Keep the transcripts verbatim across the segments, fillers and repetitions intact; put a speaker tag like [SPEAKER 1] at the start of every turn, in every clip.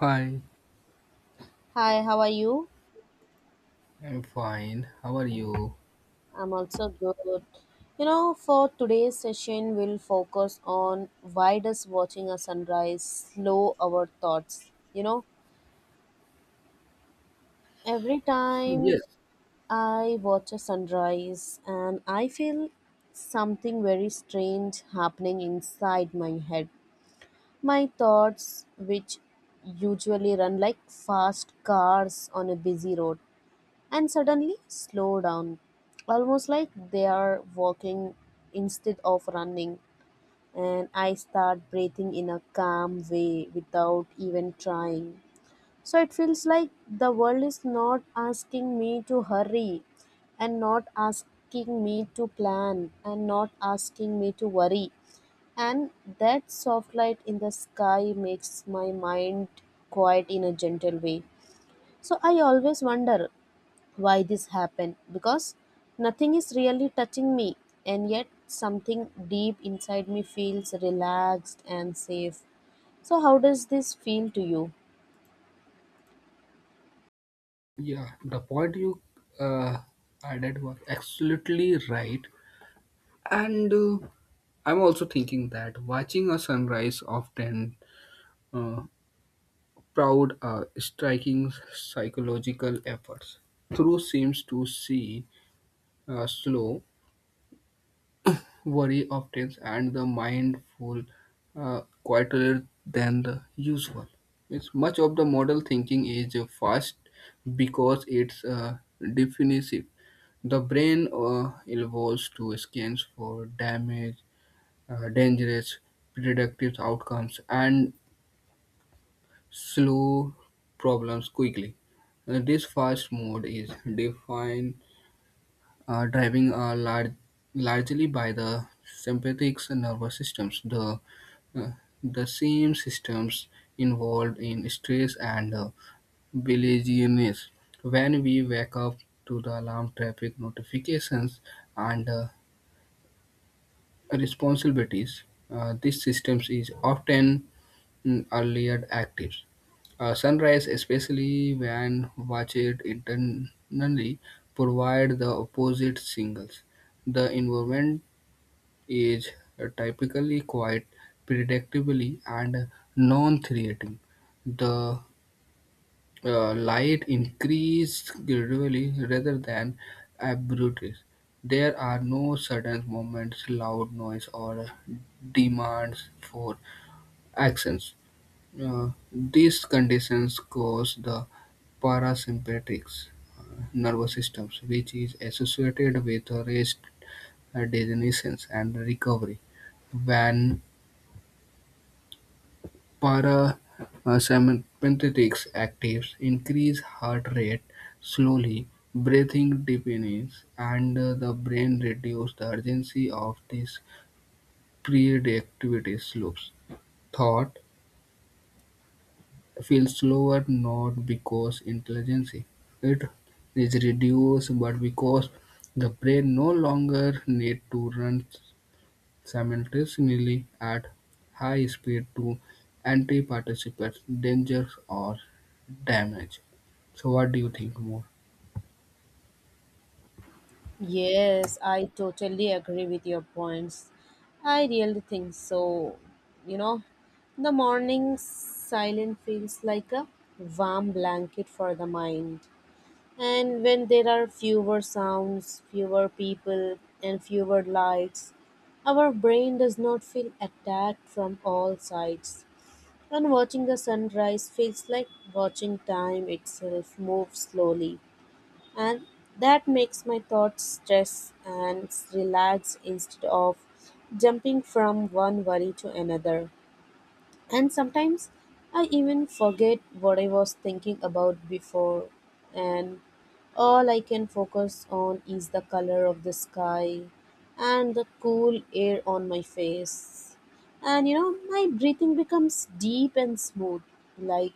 [SPEAKER 1] Hi,
[SPEAKER 2] Hi, how are you?
[SPEAKER 1] I'm fine. How are you?
[SPEAKER 2] I'm also good. You know, for today's session, we'll focus on why does watching a sunrise slow our thoughts? You know, every time
[SPEAKER 1] Yes,
[SPEAKER 2] I watch a sunrise and I feel something very strange happening inside my head. My thoughts, which usually run like fast cars on a busy road, and suddenly slow down, almost like they are walking instead of running. And I start breathing in a calm way without even trying. So it feels like the world is not asking me to hurry and not asking me to plan and not asking me to worry. And that soft light in the sky makes my mind quiet in a gentle way. So I always wonder why this happened because nothing is really touching me and yet something deep inside me feels relaxed and safe. So how does this feel to you?
[SPEAKER 1] yeah, the point you uh, added was absolutely right. And uh, I'm also thinking that watching a sunrise often uh, proud uh, striking psychological efforts through seems to see uh, slow worry obtains and the mindful uh, quieter than the usual. It's much of the model thinking is uh, fast because it's uh, defensive. The brain uh, evolves to scans for damage, uh, dangerous, predictive outcomes, and slow problems quickly. Uh, this fast mode is defined uh, driving are lar- largely by the sympathetic nervous systems, the, uh, the same systems involved in stress and uh, bilirubin. When we wake up to the alarm, traffic notifications, and uh, responsibilities, uh, this systems is often mm, earlier active. Uh, sunrise, especially when watched internally, provide the opposite signals the environment is typically quite predictably, and non-threatening. The uh, light increases gradually rather than abruptly. There are no sudden moments, loud noise, or demands for actions. Uh, these conditions cause the parasympathetic uh, nervous systems, which is associated with rest, uh, dissonance, and recovery. When parasympathetic actives increase heart rate slowly, breathing deepens, and uh, the brain reduces the urgency of these predictivity loops. Thought feels slower not because intelligence it is reduced but because the brain no longer need to run simultaneously at high speed to anti-participate dangers or damage. So what do you think more?
[SPEAKER 2] Yes, I totally agree with your points. I really think so. You know, the morning silence feels like a warm blanket for the mind. And when there are fewer sounds, fewer people, and fewer lights, our brain does not feel attacked from all sides. And watching the sunrise feels like watching time itself move slowly. And that makes my thoughts stress and relax instead of jumping from one worry to another. And sometimes I even forget what I was thinking about before, and all I can focus on is the color of the sky and the cool air on my face. And you know, my breathing becomes deep and smooth, like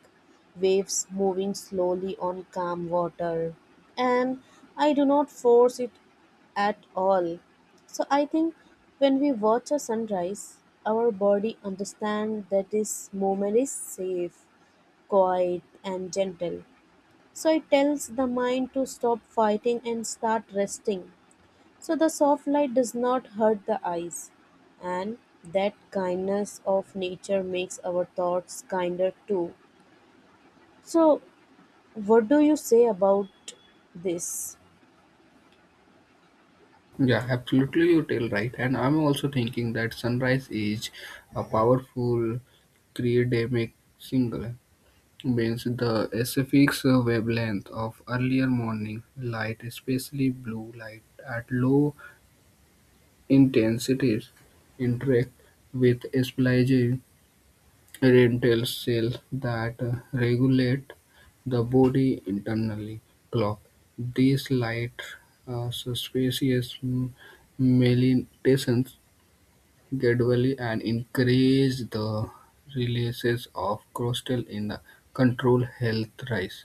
[SPEAKER 2] waves moving slowly on calm water. And I do not force it at all. So I think when we watch a sunrise, our body understands that this moment is safe, quiet, and gentle. So it tells the mind to stop fighting and start resting. So the soft light does not hurt the eyes, and that kindness of nature makes our thoughts kinder too. So, what do you say about this?
[SPEAKER 1] Yeah, absolutely, you tell right. And I'm also thinking that sunrise is a powerful cryogenic single, means the specific wavelength of earlier morning light, especially blue light at low intensities, interact with splaging rental cells that uh, regulate the body internally clock. These light uh, suspicious m- melatonin gradually and increase the releases of cortisol in the control health rise.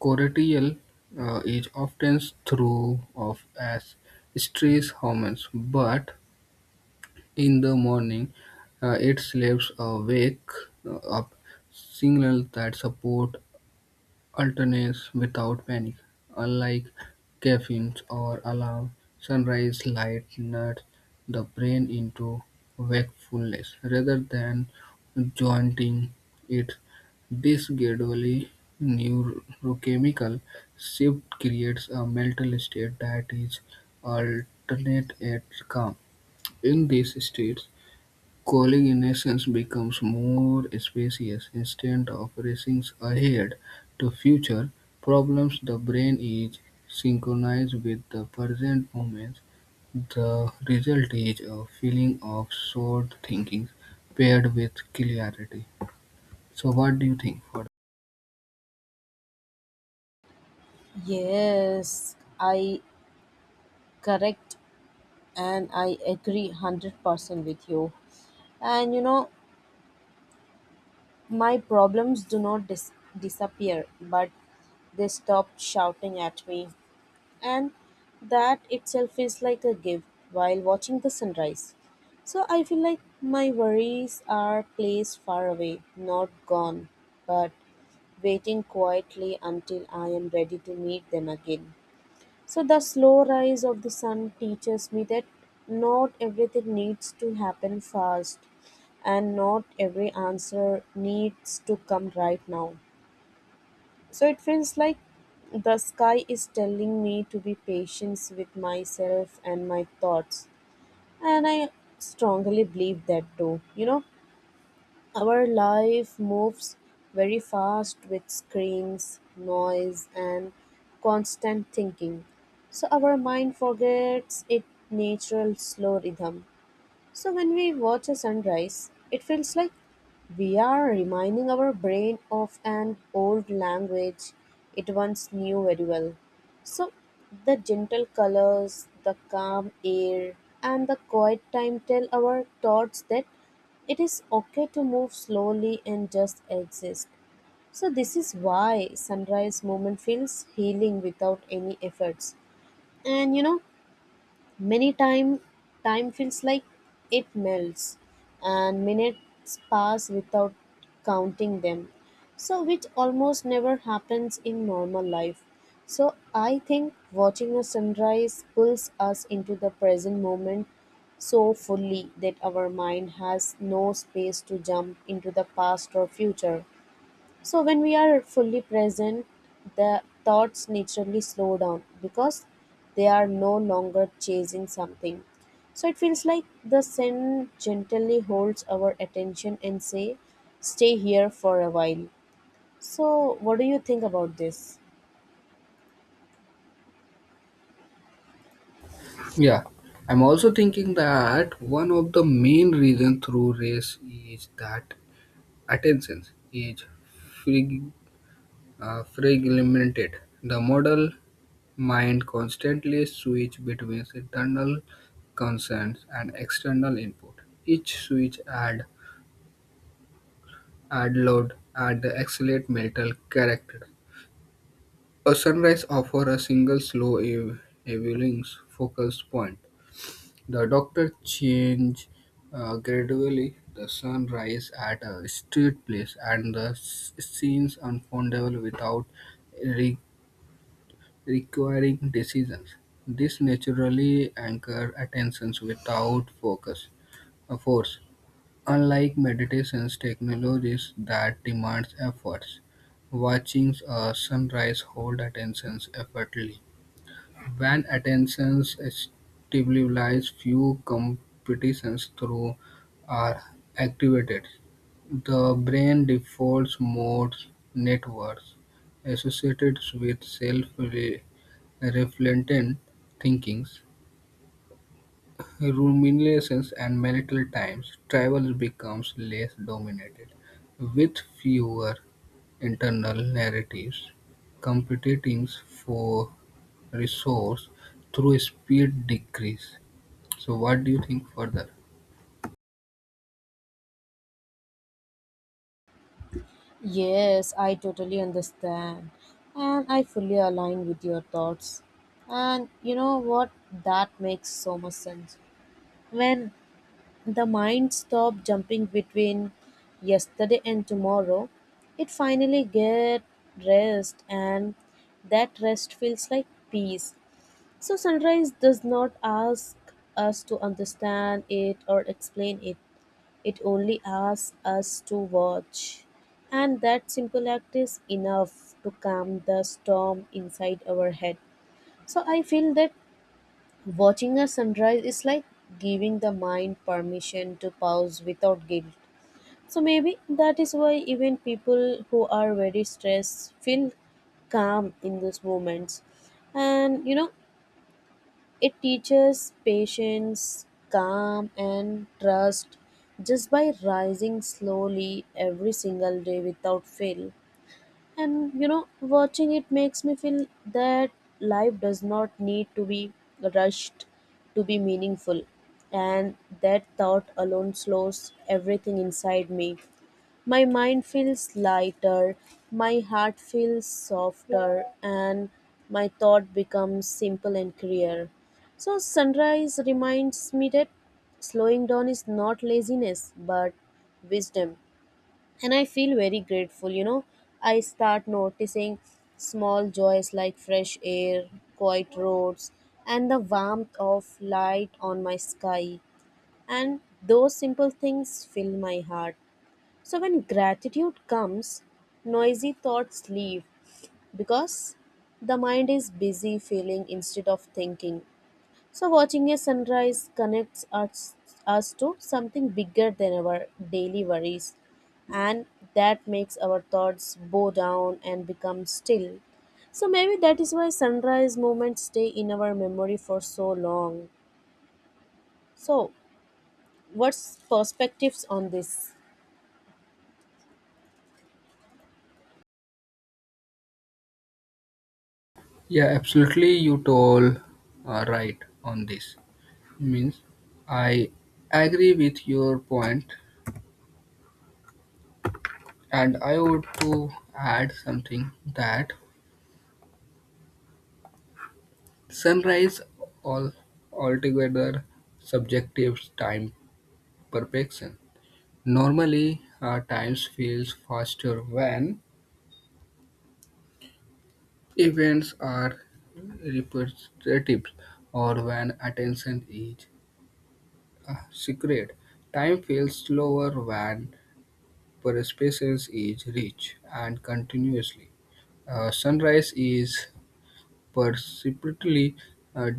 [SPEAKER 1] Cortisol uh, is often through of as stress hormones, but in the morning, uh, it slaps awake uh, up signals that support alternates without panic. Unlike caffeine or alarm, sunrise light nuts the brain into wakefulness rather than jointing it. This gradually neurochemical shift creates a mental state that is alternate and calm. In these states, calling in essence becomes more spacious. Instead of racing ahead to future problems the brain is synchronized with the present moment. The result is a feeling of short thinking paired with clarity. So what do you think for?
[SPEAKER 2] Yes, I correct and I agree one hundred percent with you. And you know, my problems do not dis- disappear, but they stop shouting at me. And that itself is like a gift while watching the sunrise. So I feel like my worries are placed far away, not gone, but waiting quietly until I am ready to meet them again. So the slow rise of the sun teaches me that not everything needs to happen fast and not every answer needs to come right now. So it feels like the sky is telling me to be patient with myself and my thoughts, and I strongly believe that too. You know, our life moves very fast with screens, noise, and constant thinking. So our mind forgets its natural slow rhythm. So when we watch a sunrise, it feels like we are reminding our brain of an old language it once knew very well. So the gentle colors, the calm air, and the quiet time tell our thoughts that it is okay to move slowly and just exist. So this is why sunrise moment feels healing without any efforts. And you know, many time time feels like it melts and minutes pass without counting them. So which almost never happens in normal life. So I think watching a sunrise pulls us into the present moment so fully that our mind has no space to jump into the past or future. So when we are fully present, the thoughts naturally slow down because they are no longer chasing something. So it feels like the Zen gently holds our attention and say, "Stay here for a while." So what do you think about this?
[SPEAKER 1] Yeah. I'm also thinking that one of the main reasons through race is that attention is frig- uh, fragmented. The model mind constantly switch between internal concerns and external input. Each switch add add load add the accelerate mental character. A sunrise offer a single slow ev- evening focal point. The doctor change uh, gradually. The sun rise at a street place and the s- scenes unfoldable without requiring decisions. This naturally anchor attentions without focus or force. Unlike meditations technologies that demands efforts, watching a sunrise hold attentions effortlessly. When attentions stabilizes, few competitions through are activated. The brain defaults modes networks associated with self reflectant thinkings, ruminations and marital times, travel becomes less dominated, with fewer internal narratives competing for resource through speed decrease. So what do you think further?
[SPEAKER 2] Yes, I totally understand. And I fully align with your thoughts. And you know what? That makes so much sense. When the mind stopped jumping between yesterday and tomorrow, it finally get rest, and that rest feels like peace. So sunrise does not ask us to understand it or explain it. It only asks us to watch. And that simple act is enough to calm the storm inside our head. So I feel that watching a sunrise is like giving the mind permission to pause without guilt. So maybe that is why even people who are very stressed feel calm in those moments. And you know, it teaches patience, calm, and trust just by rising slowly every single day without fail. And you know, watching it makes me feel that life does not need to be rushed to be meaningful, and that thought alone slows everything inside me. My mind feels lighter, my heart feels softer, and my thought becomes simple and clear. So sunrise reminds me that slowing down is not laziness but wisdom, and I feel very grateful. You know, I start noticing small joys like fresh air, quiet roads, and the warmth of light on my sky. And those simple things fill my heart. So when gratitude comes, noisy thoughts leave because the mind is busy feeling instead of thinking. So, watching a sunrise connects us, us to something bigger than our daily worries, and that makes our thoughts bow down and become still. So, maybe that is why sunrise moments stay in our memory for so long. So, what's perspectives on this?
[SPEAKER 1] Yeah, absolutely. You told uh, right on this. Means I agree with your point, and I would to add something that sunrise all altogether subjective time perfection. Normally, our time feels faster when events are repetitive or when attention is uh, secured. Time feels slower when perspective is rich and continuously. Uh, sunrise is perceptibly uh,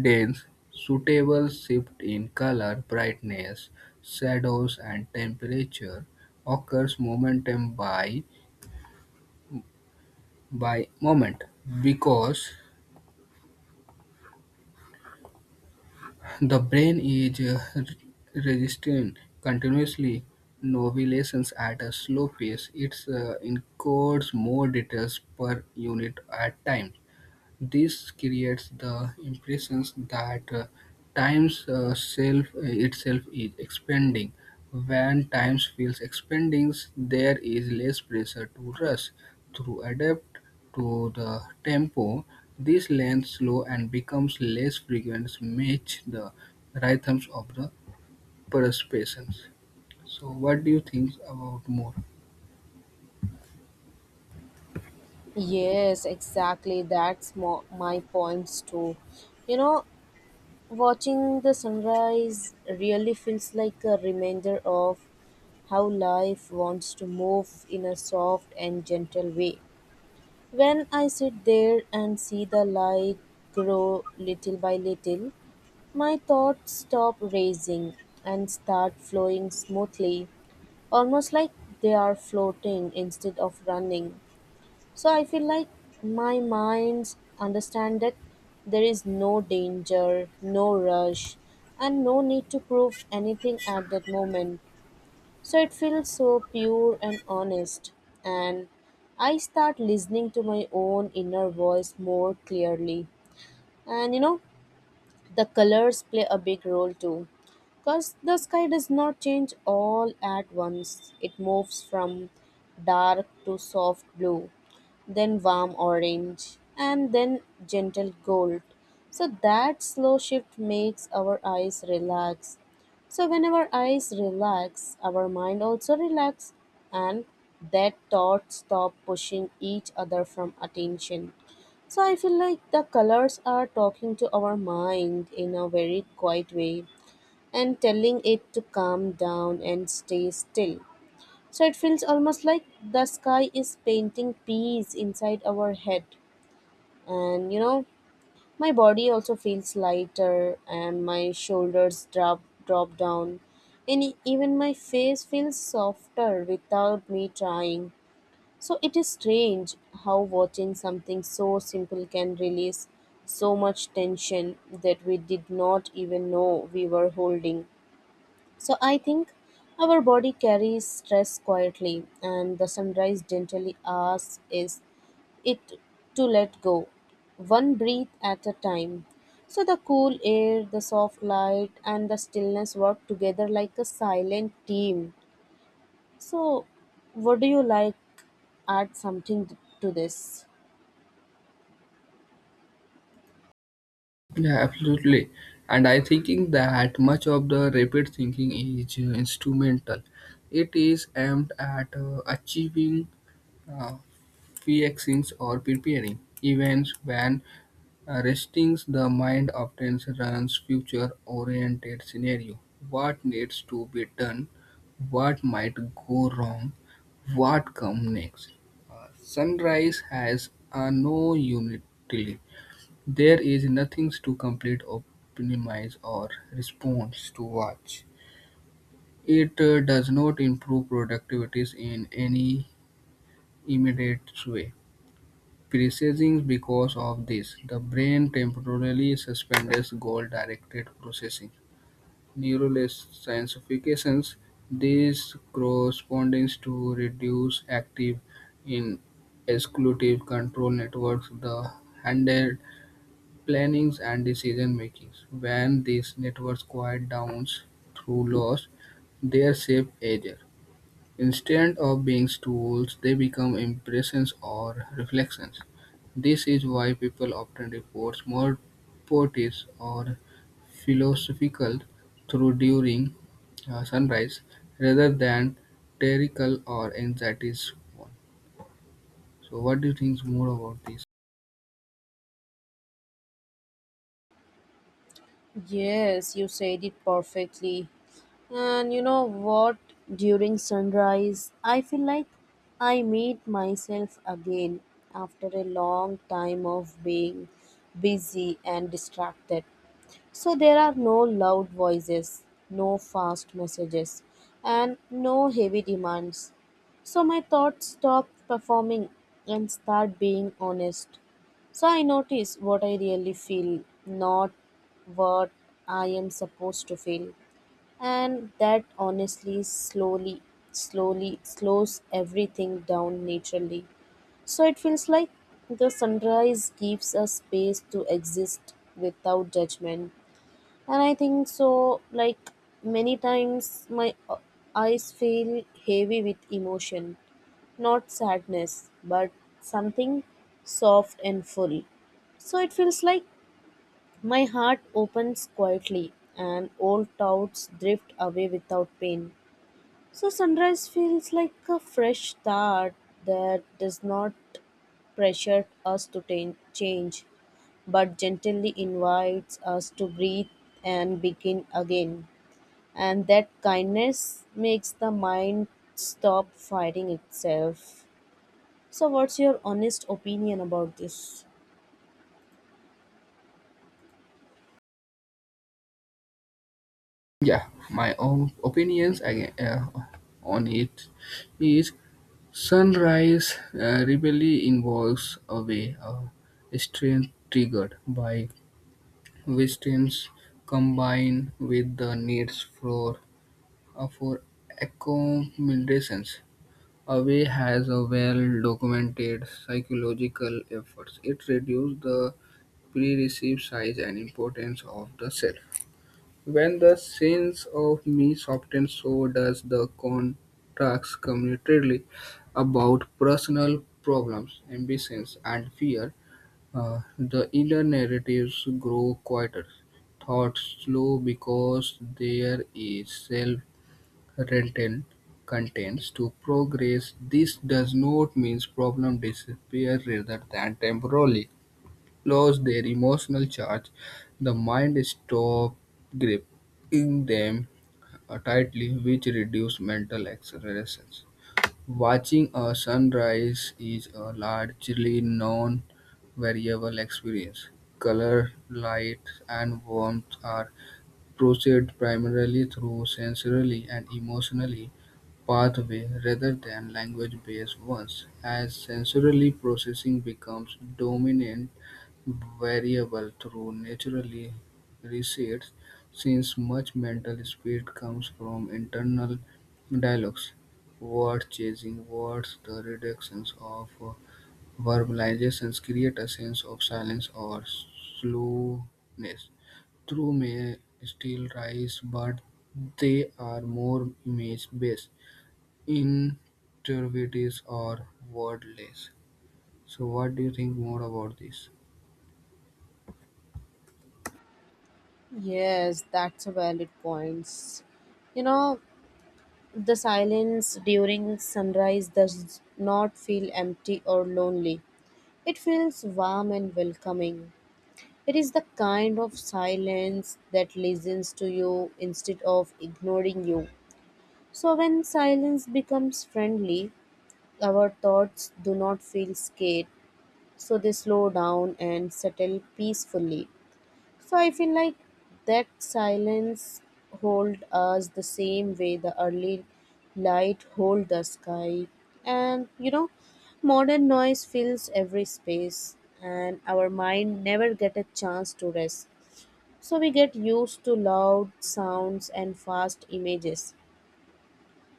[SPEAKER 1] Dales, suitable shift in color, brightness, shadows and temperature occurs moment by by moment because the brain is uh, registering continuously novelizations at a slow pace. It uh, encodes more details per unit at time. This creates the impression that uh, time's uh, self uh, itself is expanding. When time feels expanding, there is less pressure to rush through, adapt to the tempo. This lengthens slow and becomes less frequent, match the rhythms of the perceptions. So, what do you think about more?
[SPEAKER 2] Yes, exactly. That's mo- my points too. You know, watching the sunrise really feels like a reminder of how life wants to move in a soft and gentle way. When I sit there and see the light grow little by little, my thoughts stop racing and start flowing smoothly, almost like they are floating instead of running. So I feel like my mind's understand that there is no danger, no rush, and no need to prove anything at that moment. So it feels so pure and honest, and I start listening to my own inner voice more clearly. And you know, the colors play a big role too, because the sky does not change all at once. It moves from dark to soft blue, then warm orange, and then gentle gold. So that slow shift makes our eyes relax. So when our eyes relax, our mind also relax, and that thoughts stop pushing each other from attention. So I feel like the colors are talking to our mind in a very quiet way and telling it to calm down and stay still. So it feels almost like the sky is painting peace inside our head. And you know, my body also feels lighter and my shoulders drop drop down, and e- even my face feels softer without me trying. So it is strange how watching something so simple can release so much tension that we did not even know we were holding. So I think our body carries stress quietly, and the sunrise gently asks is it to let go, one breath at a time. So the cool air, the soft light, and the stillness work together like a silent team. So, would you like add something th- to this?
[SPEAKER 1] Yeah, absolutely. And I thinking that much of the rapid thinking is uh, instrumental. It is aimed at uh, achieving uh, fixings or preparing events when uh, resting the mind often runs future-oriented scenario. What needs to be done? What might go wrong? What come next? Uh, sunrise has a no unity there is nothing to complete, optimize, or respond to watch. It uh, does not improve productivity in any immediate way. Precisely because of this, the brain temporarily suspends goal-directed processing. Neuroscientifications, this corresponds to reduced active in exclusive control networks, the plannings and decision-makings. When these networks quiet down through loss, their shape ages. Instead of being tools, they become impressions or reflections. This is why people often report more poetics or philosophical through during uh, sunrise rather than theoretical or anxiety. So what do you think more about this?
[SPEAKER 2] Yes, you said it perfectly. And you know what? During sunrise, I feel like I meet myself again after a long time of being busy and distracted. So there are no loud voices, no fast messages, and no heavy demands. So my thoughts stop performing and start being honest. So I notice what I really feel, not what I am supposed to feel. And that honestly, slowly, slowly slows everything down naturally. So it feels like the sunrise gives us space to exist without judgment. And I think so, like many times, my uh, eyes feel heavy with emotion, not sadness, but something soft and full. So it feels like my heart opens quietly and old doubts drift away without pain. So sunrise feels like a fresh start that does not pressure us to ta- change, but gently invites us to breathe and begin again, and that kindness makes the mind stop fighting itself. So, what's your honest opinion about this?
[SPEAKER 1] Yeah my own opinions again uh, on it is sunrise uh, rebellion involves a way of strength triggered by wisdom's combined with the needs for uh, for accommodations away has a well documented psychological efforts. It reduces the pre-received size and importance of the self. When the sense of me softens, so does the contracts communicatively about personal problems, ambitions, and fear. Uh, the inner narratives grow quieter, thoughts slow because there is self-contained contents to progress. This does not mean problem disappear rather than temporarily lose their emotional charge. The mind stops gripping them uh, tightly, which reduces mental acceleration. Watching a sunrise is a largely non-variable experience. Color, light, and warmth are proceed primarily through sensory and emotionally pathways rather than language-based ones. As sensorily processing becomes dominant variable through naturally recedes, since much mental speed comes from internal dialogues, word chasing, words, the reductions of uh, verbalizations create a sense of silence or slowness. Truths may still rise, but they are more image-based, intuitive, or wordless. So, what do you think more about this?
[SPEAKER 2] Yes, that's a valid point. You know, the silence during sunrise does not feel empty or lonely. It feels warm and welcoming. It is the kind of silence that listens to you instead of ignoring you. So, when silence becomes friendly, our thoughts do not feel scared, so they slow down and settle peacefully. So I feel like that silence hold us the same way the early light hold the sky. And you know, modern noise fills every space and our mind never get a chance to rest. So we get used to loud sounds and fast images.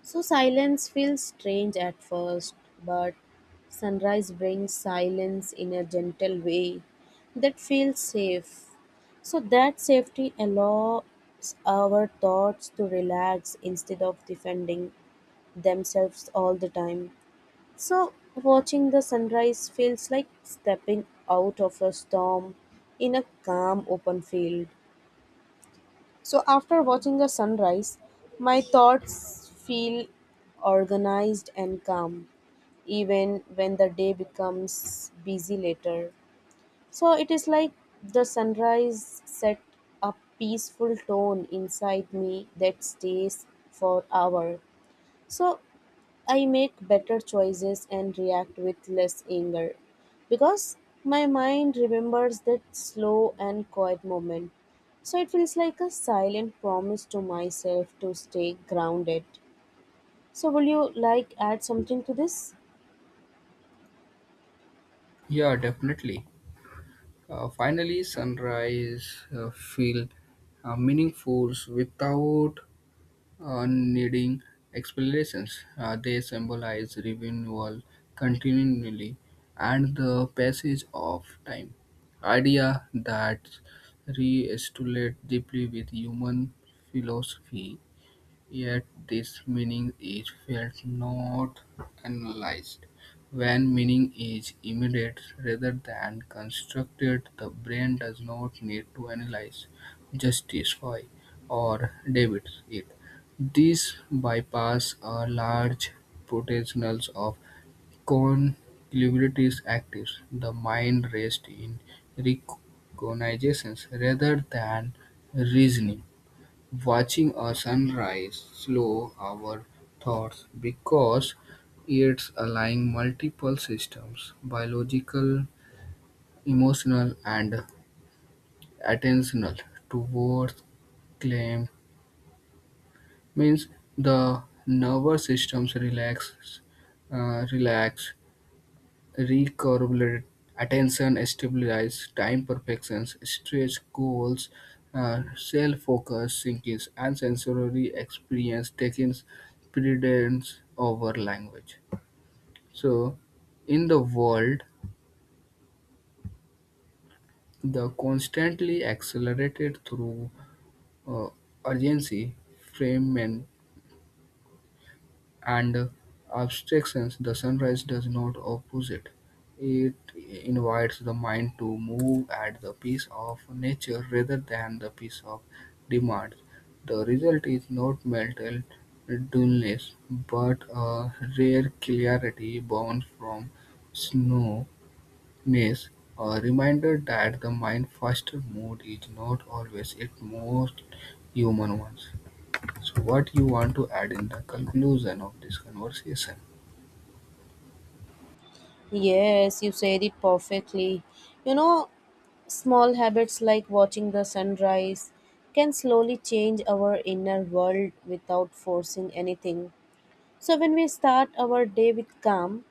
[SPEAKER 2] So silence feels strange at first, but sunrise brings silence in a gentle way that feels safe. So that safety allows our thoughts to relax instead of defending themselves all the time. So watching the sunrise feels like stepping out of a storm in a calm open field. So after watching the sunrise, my thoughts feel organized and calm, even when the day becomes busy later. So it is like the sunrise set a peaceful tone inside me that stays for hours. So I make better choices and react with less anger because my mind remembers that slow and quiet moment. So it feels like a silent promise to myself to stay grounded. So will you like add something to this?
[SPEAKER 1] Yeah, definitely. Uh, finally, sunrise uh, feel uh, meaningful without uh, needing explanations. Uh, they symbolize renewal, continually, and the passage of time. Idea that re-estimate deeply with human philosophy. Yet this meaning is felt not analyzed. When meaning is immediate rather than constructed, the brain does not need to analyze, justify, or debit it. This bypass a large potentials of conclusivities actives. The mind rests in recognitions rather than reasoning. Watching a sunrise slow our thoughts because it's aligning multiple systems, biological, emotional, and attentional, towards calm. Means the nervous systems relax, uh, relax, re attention stabilizes time perceptions, stretch goals, uh, self-focus, thinking, and sensory experience taking precedence over language. So, in the world, the constantly accelerated through uh, urgency, fragment, and abstractions, the sunrise does not oppose it. It invites the mind to move at the pace of nature rather than the pace of demand. The result is not mental dullness, but a rare clarity born from snowness, a reminder that the mind faster mood is not always its most human ones. So, what you want to add in the conclusion of this conversation?
[SPEAKER 2] Yes, you said it perfectly. You know, small habits like watching the sunrise can slowly change our inner world without forcing anything. So when we start our day with calm,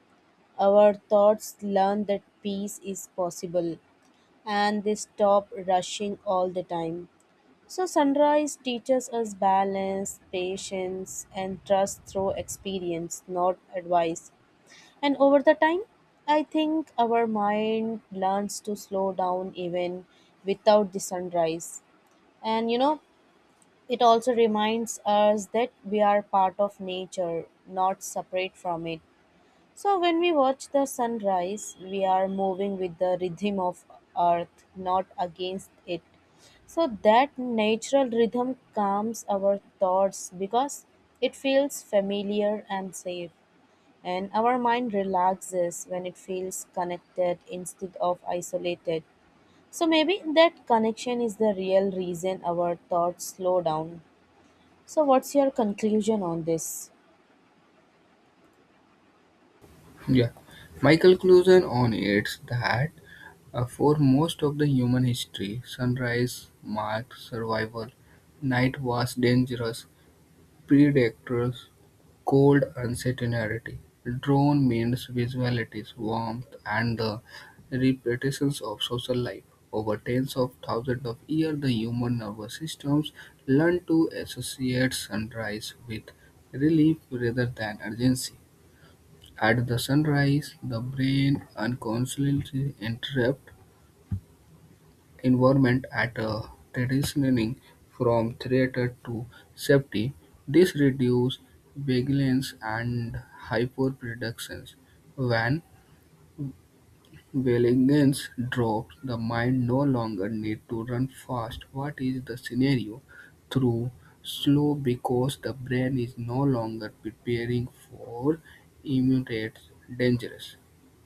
[SPEAKER 2] our thoughts learn that peace is possible and they stop rushing all the time. So, sunrise teaches us balance, patience, and trust through experience, not advice. And over the time, I think our mind learns to slow down even without the sunrise. And you know, it also reminds us that we are part of nature, not separate from it. So when we watch the sunrise, we are moving with the rhythm of earth, not against it. So that natural rhythm calms our thoughts because it feels familiar and safe. And our mind relaxes when it feels connected instead of isolated. So maybe that connection is the real reason our thoughts slow down. So what's your conclusion on this?
[SPEAKER 1] Yeah, my conclusion on it's that uh, for most of the human history, sunrise marked survival. Night was dangerous, predators, cold uncertainty. Dawn means visualities, warmth, and the repetitions of social life. Over tens of thousands of years, the human nervous systems learned to associate sunrise with relief rather than urgency. At the sunrise, the brain unconsciously interprets environment at a transitioning from threat to safety. This reduces vigilance and hyperproduction. When Vailingens drops the mind no longer need to run fast what is the scenario through slow because the brain is no longer preparing for immediate dangers.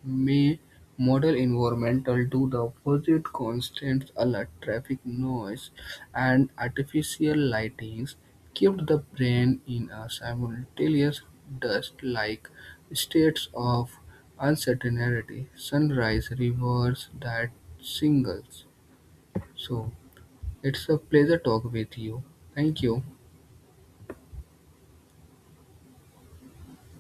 [SPEAKER 1] May model environmental do the opposite constant alert traffic noise and artificial lightings keep the brain in a simultaneous dust like states of uncertainty. Sunrise reversed that singles. So it's a pleasure talking with you. Thank you.